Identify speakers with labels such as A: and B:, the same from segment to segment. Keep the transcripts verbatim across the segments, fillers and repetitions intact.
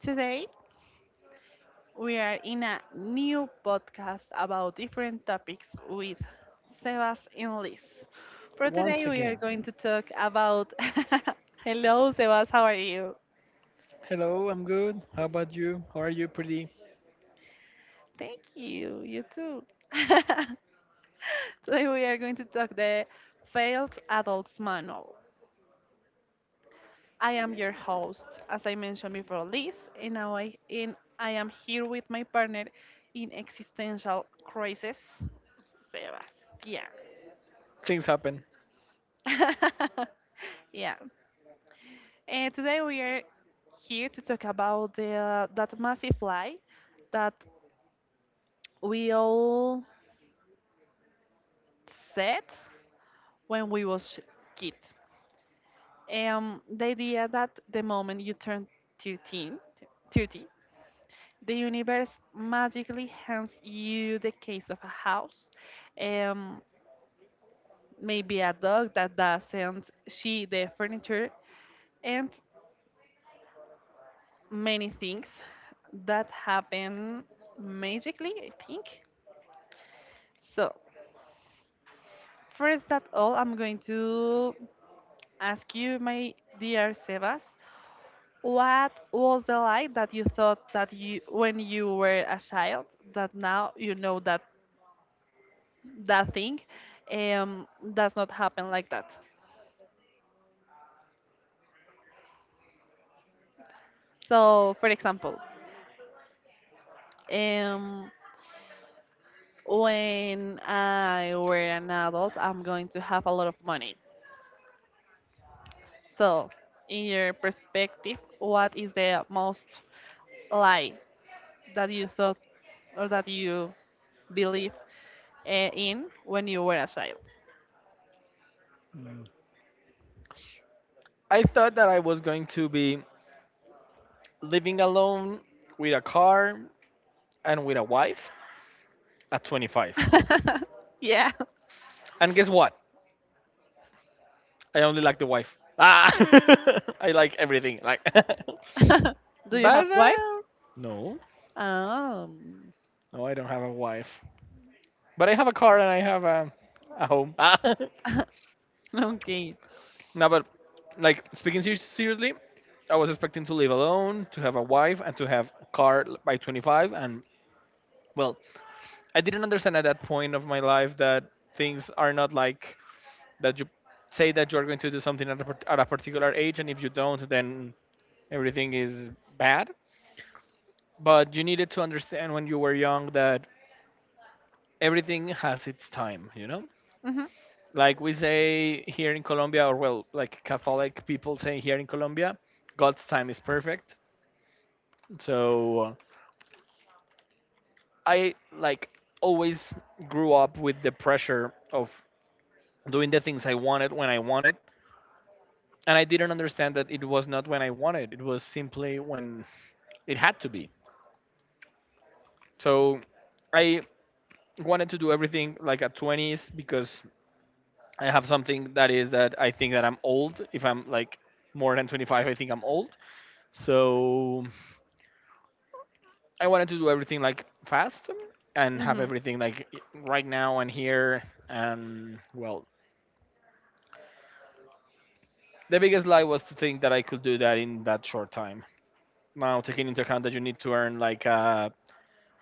A: Today we are in a new podcast about different topics with Sebas and Liz. For
B: Once
A: today, we are
B: again.
A: going to talk about. Hello, Sebas, how are you?
B: Hello, I'm good. How about you? How are you, pretty?
A: Thank you, you too. Today, we are going to talk the Failed Adults Manual. I am your host, as I mentioned before, Liz, and now I, and I am here with my partner in existential crisis, Sebastian.
B: Things happen.
A: Yeah. And today we are here to talk about the, that massive lie that we all said when we was kids. Um, the idea that the moment you turn thirteen, thirty, the universe magically hands you the case of a house, um, maybe a dog that doesn't see the furniture, and many things that happen magically, I think. So, first of all, I'm going to ask you, my dear Sebas, what was the light that you thought that you, when you were a child, that now you know that that thing um, does not happen like that? So, for example, um, when I were an adult, I'm going to have a lot of money. So, in your perspective, what is the most lie that you thought or that you believed uh, in when you were a child?
B: I thought that I was going to be living alone with a car and with a wife at twenty-five.
A: Yeah.
B: And guess what? I only like the wife. Ah! I like everything. Like, but
A: Do you have wife?
B: uh, no,
A: Um.
B: no, I don't have a wife. But I have a car and I have a, a home. Ah.
A: Okay.
B: No, but like speaking ser- seriously, I was expecting to live alone, to have a wife, and to have a car by twenty-five, and well, I didn't understand at that point of my life that things are not like that. You say that you're going to do something at a, par- at a particular age, and if you don't, then everything is bad. But you needed to understand when you were young that everything has its time, you know?
A: Mhm.
B: Like we say here in Colombia, or well, like Catholic people say here in Colombia, God's time is perfect. So uh, I, like, always grew up with the pressure of doing the things I wanted when I wanted, and I didn't understand that it was not when I wanted. It was simply when it had to be. So I wanted to do everything like at twenties, because I have something that is that I think that I'm old. If I'm like more than twenty-five, I think I'm old. So I wanted to do everything like fast and have
A: Mhm.
B: everything like right now and here. And well, the biggest lie was to think that I could do that in that short time. Now, taking into account that you need to earn like uh,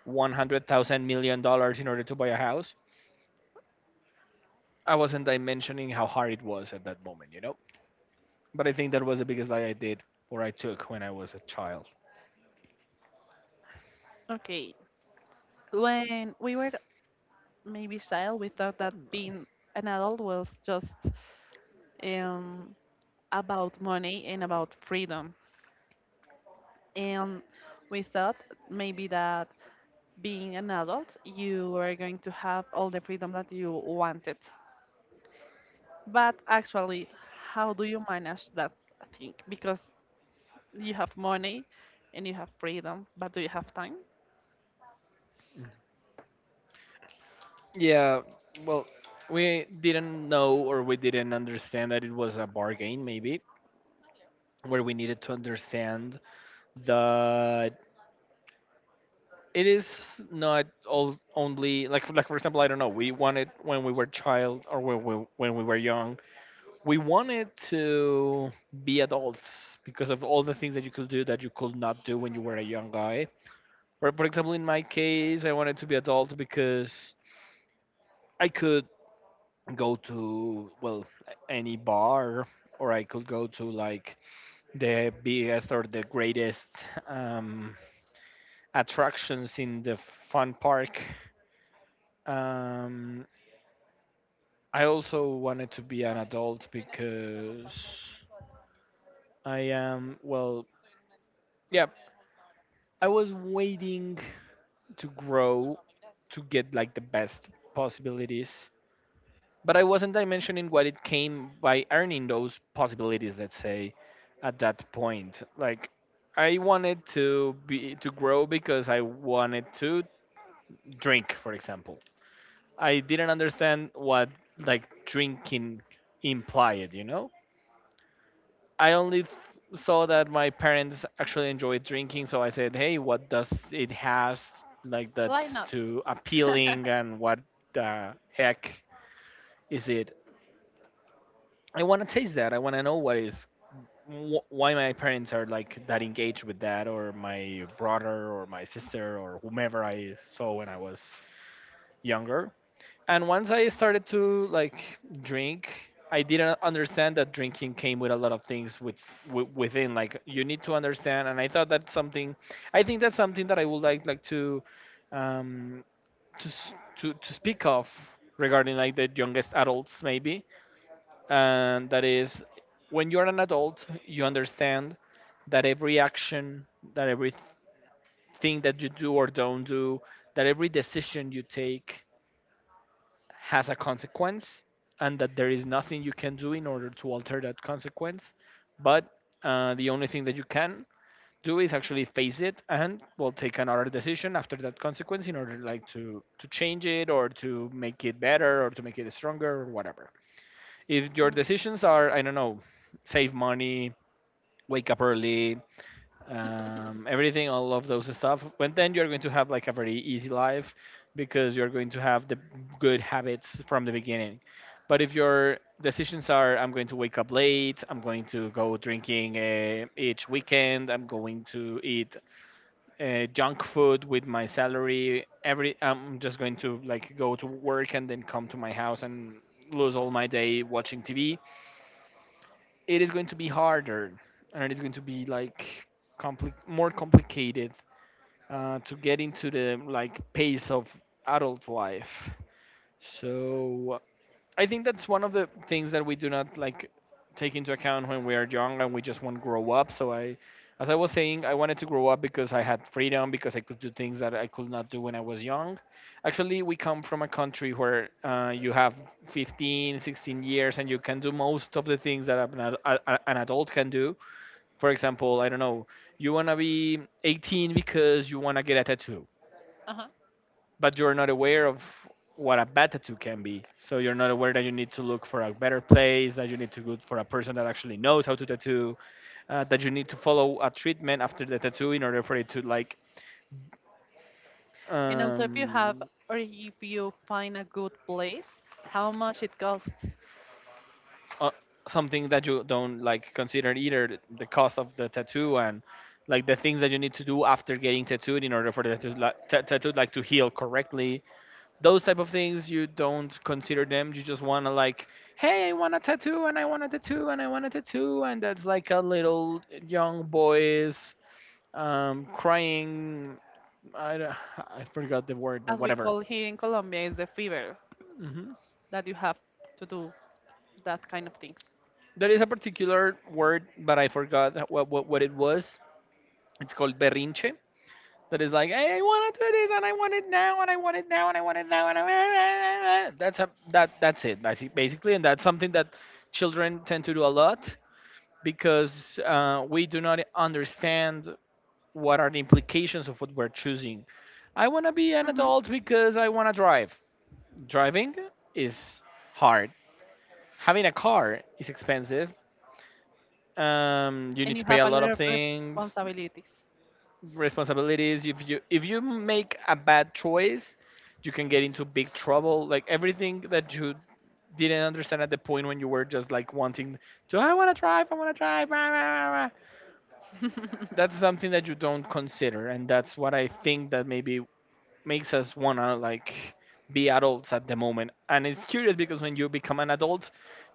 B: one hundred thousand million dollars in order to buy a house, I wasn't dimensioning how hard it was at that moment, you know? But I think that was the biggest lie I did or I took when I was a child.
A: Okay. When we were maybe child we thought that being an adult was just um, about money and about freedom, and we thought maybe that being an adult you were going to have all the freedom that you wanted, but actually, how do you manage that thing, because you have money and you have freedom, but do you have time?
B: Yeah, well, we didn't know or we didn't understand that it was a bargain, maybe, where we needed to understand that it is not all only like like for example, I don't know, we wanted when we were child, or when we when we were young, we wanted to be adults because of all the things that you could do that you could not do when you were a young guy. For, for example, in my case, I wanted to be adult because I could go to, well, any bar, or I could go to like the biggest or the greatest um, attractions in the fun park. Um, I also wanted to be an adult because I am, well, yeah, I was waiting to grow, to get like the best possibilities, but I wasn't dimensioning what it came by earning those possibilities, let's say. At that point, like, I wanted to be, to grow, because I wanted to drink, for example. I didn't understand what, like, drinking implied, you know? I only th- saw that my parents actually enjoyed drinking, so I said, "Hey, what does it has like that
A: Why not?
B: to appealing, and what the heck is it? I want to taste that. I want to know what is." wh- Why my parents are like that engaged with that, or my brother, or my sister, or whomever I saw when I was younger. And once I started to like drink, I didn't understand that drinking came with a lot of things with, w- within, like, you need to understand, and I thought that's something, I think that's something that I would like like to um to s- to, to speak of regarding like the youngest adults, maybe. And that is, when you're an adult, you understand that every action, that every thing that you do or don't do, that every decision you take has a consequence, and that there is nothing you can do in order to alter that consequence. But uh, the only thing that you can do is actually face it, and well, take another decision after that consequence in order like to to change it, or to make it better, or to make it stronger, or whatever. If your decisions are, I don't know, save money, wake up early, um, everything, all of those stuff. But then you're going to have like a very easy life, because you're going to have the good habits from the beginning. But if your decisions are, I'm going to wake up late, I'm going to go drinking uh, each weekend, I'm going to eat uh, junk food with my salary, every, I'm just going to like go to work and then come to my house and lose all my day watching T V, it is going to be harder, and it is going to be like compli- more complicated uh, to get into the like pace of adult life. So I think that's one of the things that we do not like take into account when we are young and we just want to grow up. So I, as I was saying, I wanted to grow up because I had freedom, because I could do things that I could not do when I was young. Actually, we come from a country where uh, you have fifteen, sixteen years and you can do most of the things that an ad- a- a- an adult can do. For example, I don't know, you want to be eighteen because you want to get a tattoo,
A: Uh huh.
B: but you're not aware of what a Batatu can be. So you're not aware that you need to look for a better place, that you need to go for a person that actually knows how to tattoo, uh, that you need to follow a treatment after the tattoo in order for it to like
A: And also, if you have
B: um,
A: or if you find a good place, how much it costs.
B: uh, something that you don't like consider either, the cost of the tattoo and like the things that you need to do after getting tattooed in order for the tattoo, like, ta tattoo like to heal correctly. Those type of things you don't consider them, you just want to like, hey, I want a tattoo, and I want a tattoo, and I want a tattoo, and that's like a little young boy's um crying, I don't- I forgot the word, but
A: As we
B: whatever.
A: call here in Colombia, is the fever
B: Hmm.
A: that you have to do that kind of things.
B: There is a particular word, but I forgot what, what what it was. It's called berrinche, that is like, hey, I want to do this, and I want it now, and I want it now, and I want it now, and I that's a that that's it, basi- basically. And that's something that children tend to do a lot, because uh, we do not understand what are the implications of what we're choosing. I want to be an
A: Hmm.
B: adult because I want to drive. Driving is hard. Having a car is expensive. Um, you need
A: And
B: to
A: you
B: pay
A: have
B: a
A: a
B: lot
A: lot
B: of
A: of
B: things,
A: responsibilities.
B: responsibilities. If you if you make a bad choice, you can get into big trouble. Like everything that you didn't understand at the point when you were just like wanting to, I want to drive, I want to drive, rah, rah, rah, rah." That's something that you don't consider, and that's what I think that maybe makes us wanna like be adults at the moment. And it's curious, because when you become an adult,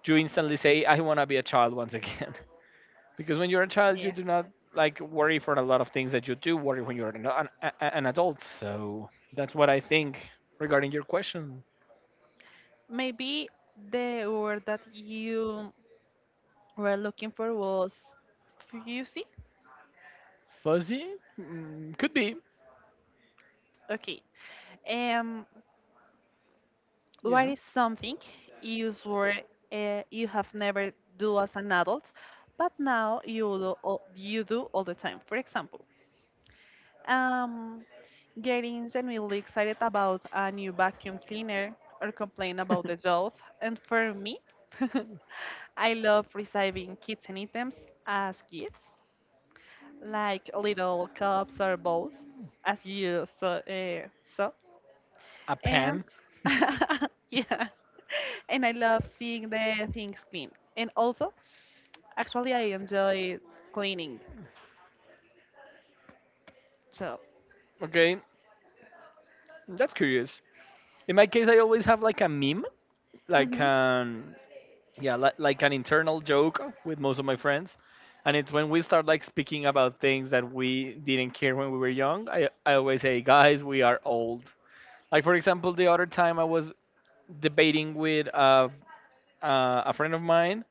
B: you instantly say, I wanna be a child once again. Because when you're a child, you
A: Yes.
B: do not like worry for a lot of things that you do worry when you're an, an, a- an adult. So that's what I think regarding your question.
A: Maybe the word that you were looking for was fusy.
B: Fuzzy. Mm, could be.
A: Okay. Um, what
B: Yeah.
A: is something you swear uh, you have never do as an adult, but now you do all, you do all the time? For example, um, getting genuinely excited about a new vacuum cleaner or complain about the job. And for me, I love receiving kitchen items as gifts, like little cups or bowls, as you saw. Uh, saw.
B: A
A: And
B: pan.
A: yeah, and I love seeing the things clean. And also, actually, I enjoy cleaning. So,
B: Okay, that's curious. In my case, I always have like a meme, like
A: mhm.
B: um yeah, li- like an internal joke with most of my friends. And it's when we start like speaking about things that we didn't care when we were young, i, I always say, guys, we are old. Like, for example, the other time I was debating with uh, uh, a friend of mine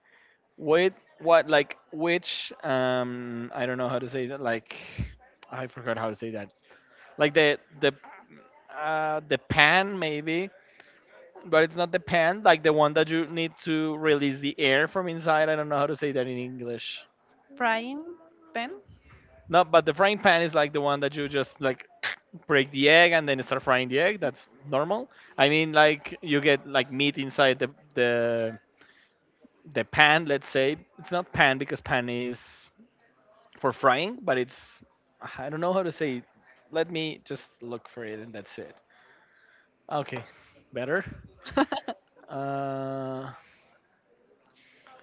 B: with what, like, which um I don't know how to say that, like, I forgot how to say that, like the the uh, the pan, maybe. But it's not the pan like the one that you need to release the air from inside, I don't know how to say that in English.
A: Frying pan.
B: No, but the frying pan is like the one that you just like break the egg and then start frying the egg. That's normal. I mean, like, you get like meat inside the the the pan. Let's say it's not pan, because pan is for frying, but it's, I don't know how to say. It. Let me just look for it, and that's it. Okay, better. Uh,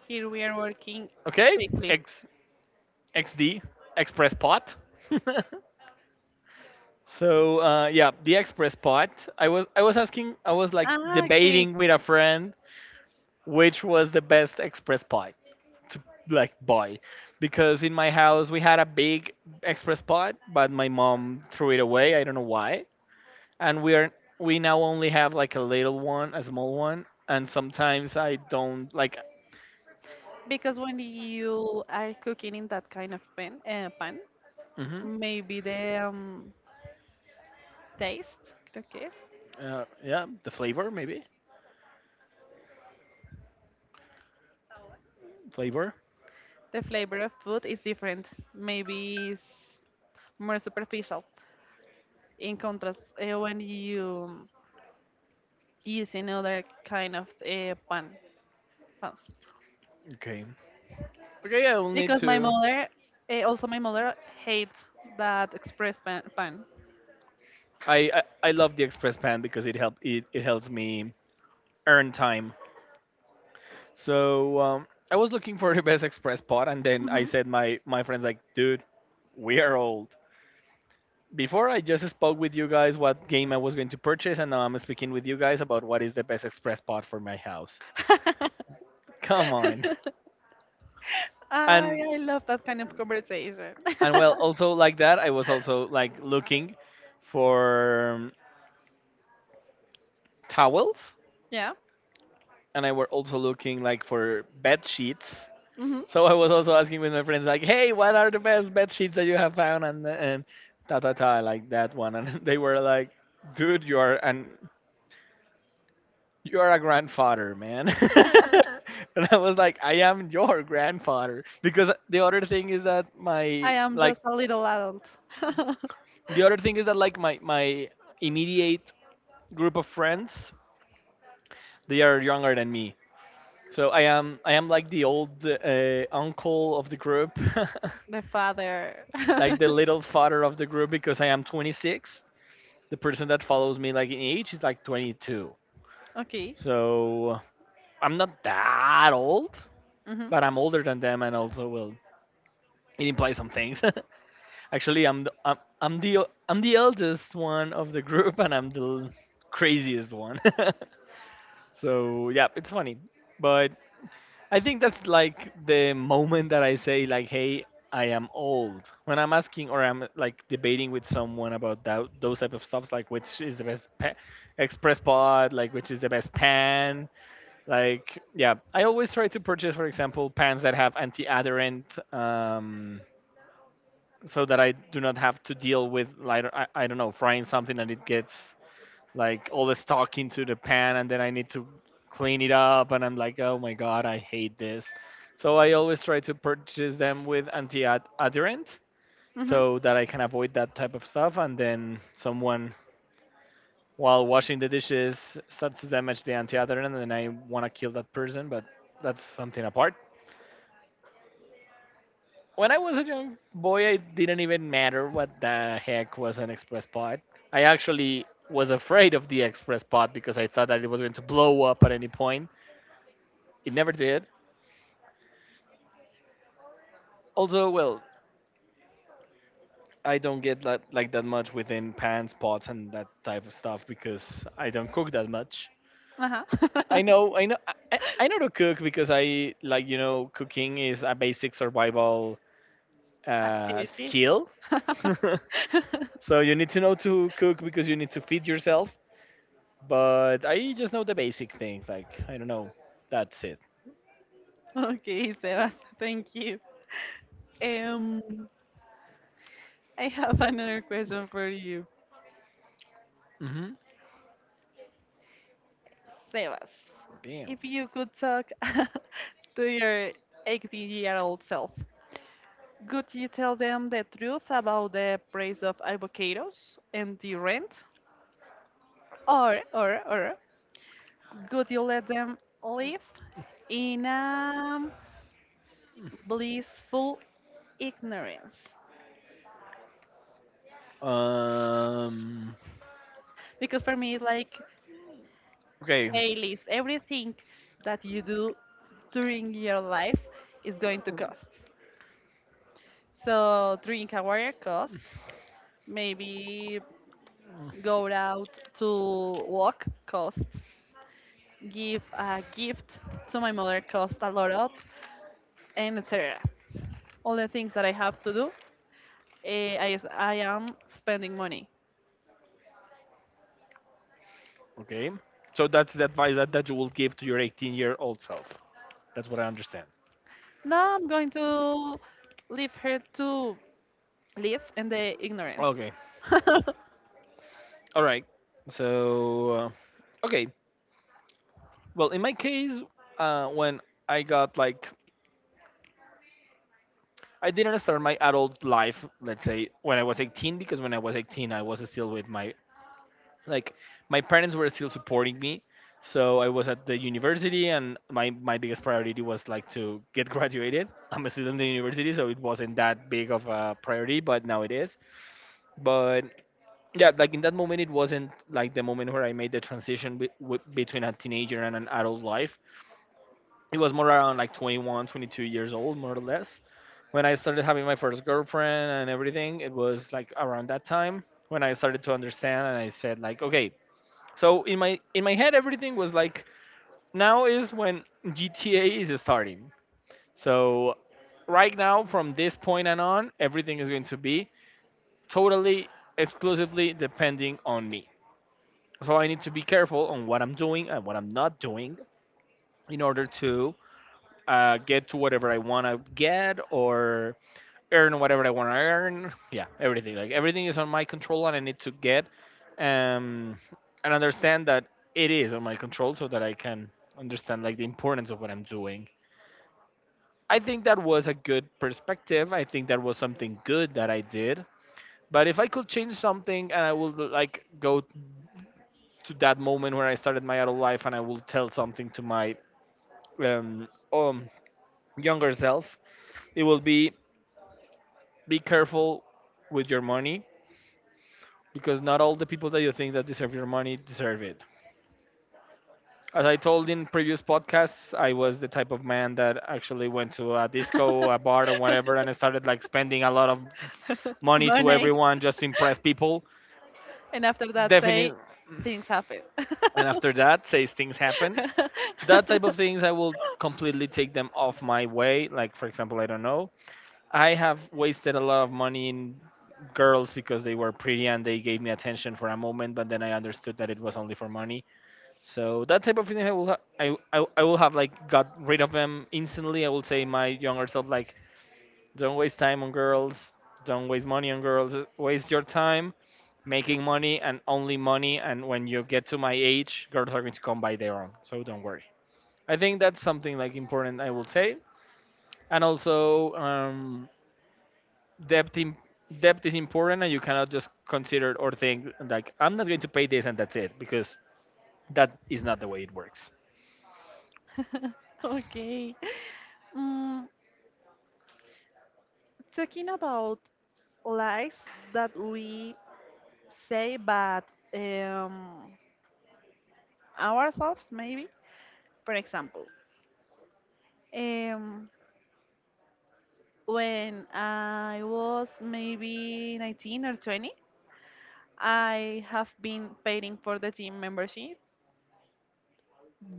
A: Here we are working
B: okay,
A: quickly.
B: X X D Express Pot. So uh, yeah, the express pod. I was I was asking. I was like
A: Ah, okay.
B: debating with a friend which was the best express pod to like buy, because in my house we had a big express pod, but my mom threw it away. I don't know why. And we are we now only have like a little one, a small one, and sometimes I don't like.
A: Because when you are cooking in that kind of pan, uh, pan,
B: Hmm.
A: maybe the um, taste, creo que es,
B: Uh, yeah, the flavor maybe, flavor.
A: the flavor of food is different. Maybe it's more superficial in contrast uh, when you use another kind of uh, pan pans.
B: Okay. Okay, yeah, we'll need
A: Because my
B: to.
A: mother, uh, also my mother, hates that express pan. pan.
B: I, I I love the express pan because it help it, it helps me earn time. So um, I was looking for the best express pod, and then I
A: Hmm.
B: said my my friends like, "Dude, we are old. Before, I just spoke with you guys what game I was going to purchase, and now I'm speaking with you guys about what is the best express pod for my house. Come on,"
A: I,
B: and
A: I love that kind of conversation.
B: and well, also like that, I was also like looking for um, towels,
A: Yeah.
B: and I were also looking like for bed sheets.
A: Hmm.
B: So I was also asking with my friends, like, "Hey, what are the best bed sheets that you have found?" And and ta ta ta, like that one. And they were like, "Dude, you are an you are a grandfather, man." And I was like, "I am your grandfather," because the other thing is that
A: I
B: my
A: am
B: like,
A: just a little adult.
B: the other thing is that like my my immediate group of friends, they are younger than me. So I am I am like the old uh, uncle of the group.
A: The father.
B: Like the little father of the group, because I am twenty-six. The person that follows me like in age is like twenty-two,
A: Okay.
B: so I'm not that old,
A: Hmm.
B: but I'm older than them. And also, well, it implies some things. Actually, i'm the, I'm, I'm the i'm the eldest one of the group, and I'm the craziest one. So yeah, it's funny. But I think that's like the moment that I say like, "Hey, I am old." When I'm asking or I'm like debating with someone about that those type of stuffs, like which is the best pa- express pod, like which is the best pan, like yeah. I always try to purchase, for example, pans that have anti-adherent, um, so that I do not have to deal with, like, I, I don't know, frying something and it gets like all the stock into the pan, and then I need to clean it up and I'm like, oh my god, I hate this. So I always try to purchase them with anti-adherent
A: Hmm.
B: so that I can avoid that type of stuff, and then someone while washing the dishes starts to damage the anti-adherent and then I want to kill that person, but that's something apart. When I was a young boy, it didn't even matter what the heck was an express pod. I actually was afraid of the express pod because I thought that it was going to blow up at any point. It never did. Although, well, I don't get that like that much within pans, pots, and that type of stuff because I don't cook that much.
A: Uh huh.
B: I know, I know, I, I I know to cook because I like, you know cooking is a basic survival uh,
A: Activity.
B: skill. So you need to know to cook because you need to feed yourself. But I just know the basic things, like I don't know. That's it.
A: Okay, Sebas, thank you. Um, I have another question for you.
B: Hmm.
A: Sebas,
B: Damn.
A: if you could talk to your eighteen year old self, could you tell them the truth about the price of avocados and the rent? Or, or, or could you let them live in a blissful ignorance?
B: Um.
A: Because for me, it's like,
B: Okay.
A: hey, Liz, everything that you do during your life is going to cost. So, drink a water cost, maybe
B: Mm,
A: go out to walk cost, give a gift to my mother cost a lot, and et cetera. All the things that I have to do, eh, I, I am spending money.
B: okay. So that's the advice that, that, you will give to your eighteen year old self. That's what I understand.
A: Now I'm going to leave her to live in the ignorance.
B: Okay. All right. So, uh, okay. Well, in my case, uh, when I got like, I didn't start my adult life, let's say, when I was eighteen, because when I was eighteen, I was still with my like my parents were still supporting me. So I was at the university and my, my biggest priority was like to get graduated. I'm a student in university, so it wasn't that big of a priority, but now it is. But yeah, like in that moment, it wasn't like the moment where I made the transition be- w- between a teenager and an adult life. It was more around like 21 22 years old, more or less, when I started having my first girlfriend, and everything. It was like around that time when I started to understand, and I said like, okay, so in my in my head, everything was like, now is when G T A is starting. So right now, from this point and on, everything is going to be totally, exclusively depending on me. So I need to be careful on what I'm doing and what I'm not doing in order to uh, get to whatever I want to get or earn whatever I want to earn. Yeah, everything. Like, everything is on my control, and I need to get um, and understand that it is on my control, so that I can understand like the importance of what I'm doing. I think that was a good perspective. I think that was something good that I did. But if I could change something, and I would like go to that moment where I started my adult life, and I will tell something to my um, um younger self, it will be be careful with your money, because not all the people that you think that deserve your money deserve it. As I told in previous podcasts, I was the type of man that actually went to a disco, a bar, or whatever, and I started like spending a lot of money to
A: Money.
B: everyone just to impress people.
A: And after that,
B: Definitely.
A: say things happen.
B: And after that, says things happen. That type of things, I will completely take them off my way. Like, for example, I don't know. I have wasted a lot of money in girls because they were pretty and they gave me attention for a moment, but then I understood that it was only for money. So that type of thing I will ha- I, I I will have like got rid of them instantly. I will say my younger self like, don't waste time on girls, don't waste money on girls, waste your time making money and only money, and when you get to my age, girls are going to come by their own. So don't worry. I think that's something like important I will say. And also um depth, in depth is important, and you cannot just consider or think like, I'm not going to pay this and that's it, because that is not the way it works.
A: Okay. Mm, talking about lies that we say, but um, ourselves maybe. For example, um, when I was maybe nineteen or twenty, I have been paying for the gym membership,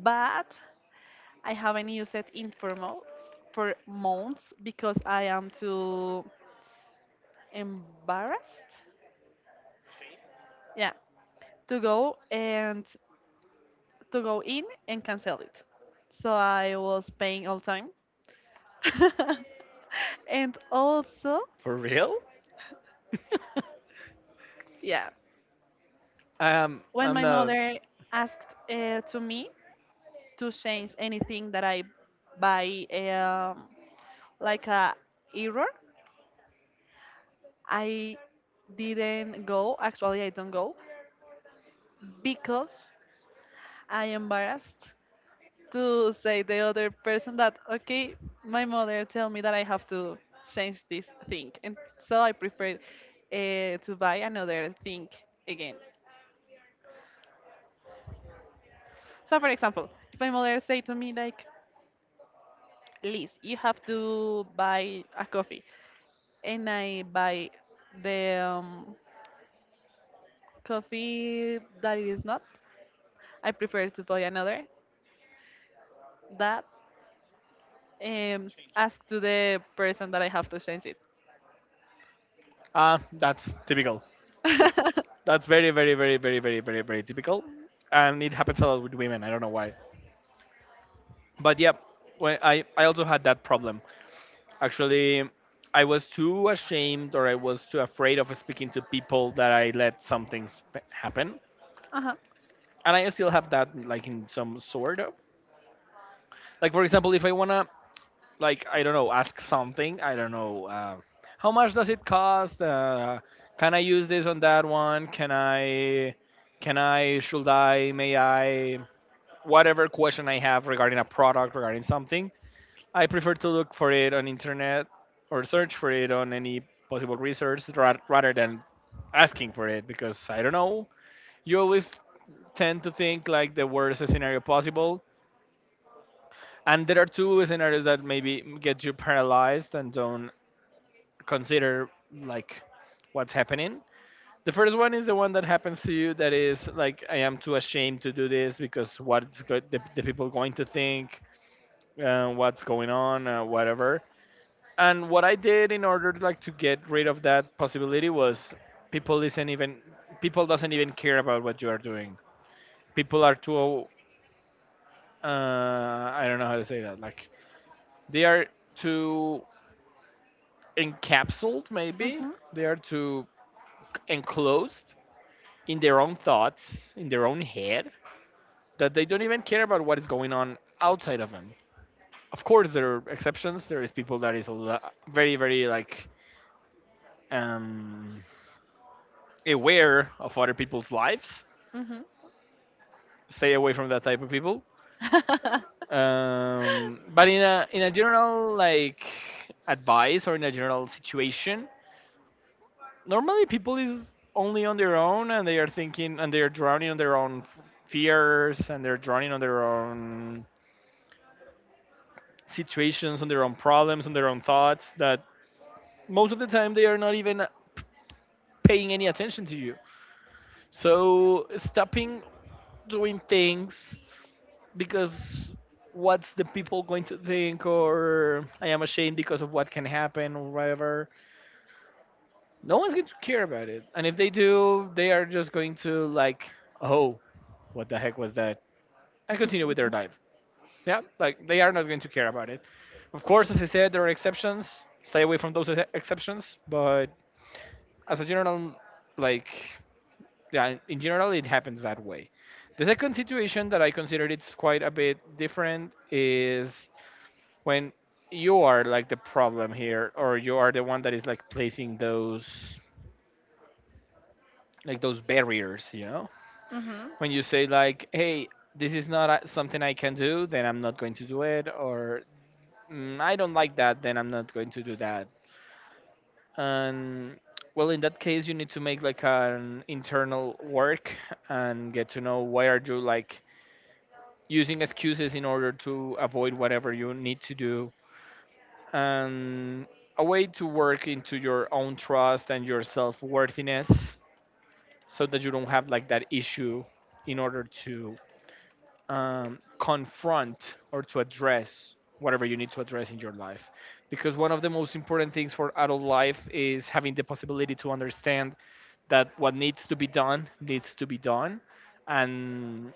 A: but I haven't used it in for months, for months, because I am too embarrassed. Yeah, to go and to go in and cancel it. So I was paying all time. And also,
B: For real?
A: yeah,
B: Um,
A: when
B: I'm
A: my
B: not.
A: mother asked uh, to me to change anything that I buy um, like a error, I didn't go. Actually, I don't go because I embarrassed to say the other person that okay, my mother tell me that I have to change this thing, and so I prefer uh, to buy another thing again. So for example, if my mother say to me like, Liz, you have to buy a coffee, and I buy the um, coffee that it is not, I prefer to buy another that um, ask to the person that I have to change it.
B: Ah, that's typical. That's very, very, very, very, very, very, very typical, and it happens a lot with women. I don't know why, but yeah, when I I also had that problem. Actually, I was too ashamed or I was too afraid of speaking to people that I let some things p- happen,
A: Uh-huh.
B: and I still have that like, in some sort of. Like, for example, if I wanna, like I don't know, ask something. I don't know. Uh, how much does it cost? Uh, can I use this on that one? Can I? Can I? Should I? May I? Whatever question I have regarding a product, regarding something, I prefer to look for it on internet or search for it on any possible research ra- rather than asking for it, because I don't know. You always tend to think like the worst scenario possible, and there are two scenarios that maybe get you paralyzed and don't consider like what's happening. The first one is the one that happens to you that is like, I am too ashamed to do this because what's go- the, the people going to think, uh, what's going on, uh, whatever. And what I did in order like to get rid of that possibility was, people isn't even people doesn't even care about what you are doing. People are too, uh, I don't know how to say that, like they are too encapsulated maybe,
A: Mhm.
B: they are too enclosed in their own thoughts, in their own head, that they don't even care about what is going on outside of them. Of course, there are exceptions. There is people that is a lo- very, very like, um, aware of other people's lives.
A: Mhm.
B: Stay away from that type of people. Um, but in a in a general like advice or in a general situation, normally people is only on their own and they are thinking and they are drowning on their own f- fears, and they're drowning on their own situations, on their own problems, on their own thoughts that most of the time they are not even paying any attention to you. So stopping doing things because what's the people going to think, or I am ashamed because of what can happen or whatever. No one's going to care about it. And if they do, they are just going to like, oh, what the heck was that? And continue with their life. Yeah, like they are not going to care about it. Of course, as I said, there are exceptions. Stay away from those ex- exceptions, but as a general, like, yeah, in general it happens that way. The second situation that I consider, it's quite a bit different, is when you are like the problem here, or you are the one that is like placing those like those barriers you know
A: Mhm.
B: When you say like, hey, this is not a- something I can do, then I'm not going to do it, or, "Mm, I don't like that, then I'm not going to do that." And well, in that case, you need to make like an internal work and get to know why are you like using excuses in order to avoid whatever you need to do, and a way to work into your own trust and your self-worthiness, so that you don't have like that issue in order to um, confront or to address whatever you need to address in your life. Because one of the most important things for adult life is having the possibility to understand that what needs to be done needs to be done, and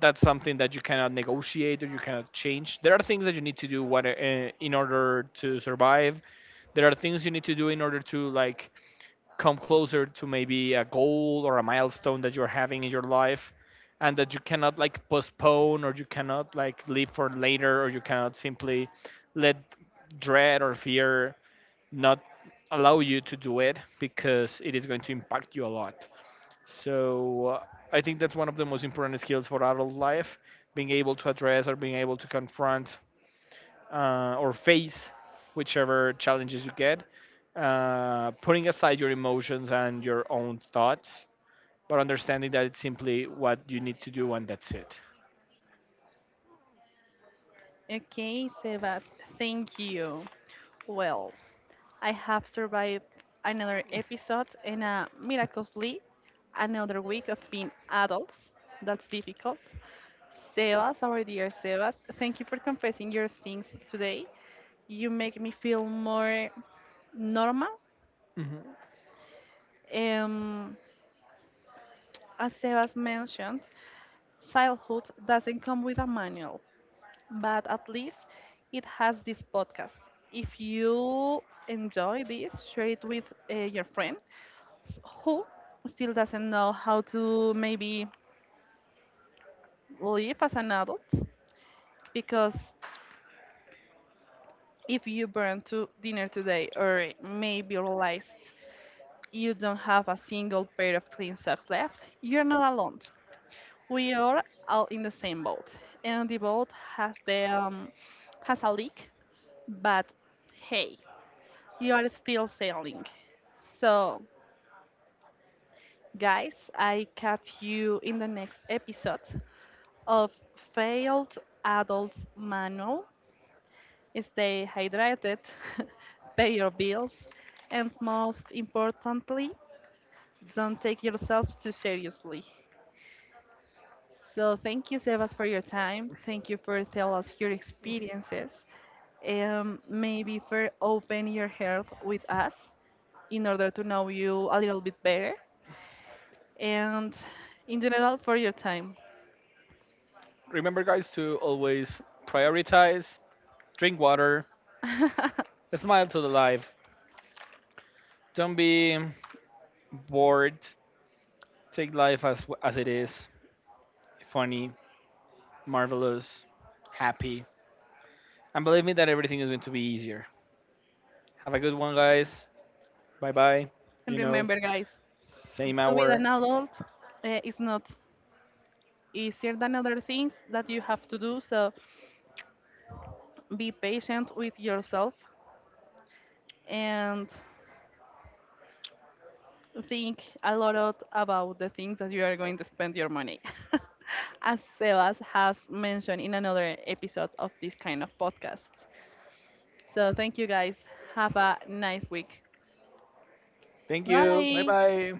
B: that's something that you cannot negotiate or you cannot change. There are things that you need to do what, uh, in order to survive. There are things you need to do in order to like come closer to maybe a goal or a milestone that you're having in your life, and that you cannot like postpone or you cannot like leave for later, or you cannot simply let dread or fear not allow you to do it, because it is going to impact you a lot. So uh, I think that's one of the most important skills for adult life, being able to address or being able to confront, uh, or face whichever challenges you get, uh, putting aside your emotions and your own thoughts, but understanding that it's simply what you need to do and that's it.
A: Okay, Sebas, thank you. Well, I have survived another episode and uh, miraculously another week of being adults. That's difficult. Sebas, our dear Sebas, thank you for confessing your sins today. You make me feel more normal.
B: Mhm.
A: Um, as Sebas mentioned, childhood doesn't come with a manual, but at least it has this podcast. If you enjoy this, share it with uh, your friend s- who still doesn't know how to maybe live as an adult, because if you burn to dinner today or maybe realized you don't have a single pair of clean socks left, you're not alone. We are all in the same boat, and the boat has the um, has a leak, but hey, you are still sailing. So, guys, I catch you in the next episode of Failed Adults Manual. Stay hydrated, pay your bills, and most importantly, don't take yourselves too seriously. So, thank you, Sebas, for your time. Thank you for telling us your experiences um, maybe for open your heart with us, in order to know you a little bit better and in general for your time.
B: Remember, guys, to always prioritize, drink water,
A: And
B: smile to the life. Don't be bored. Take life as as it is, funny, marvelous, happy. And believe me that everything is going to be easier. Have a good one, guys. Bye bye. You know,
A: remember, guys,
B: Same
A: to be an
B: hour.
A: adult uh, is not easier than other things that you have to do. So be patient with yourself and think a lot of- about the things that you are going to spend your money. As Sebas has mentioned in another episode of this kind of podcast. So thank you guys. Have a nice week.
B: Thank you. Bye
A: Bye.
B: bye.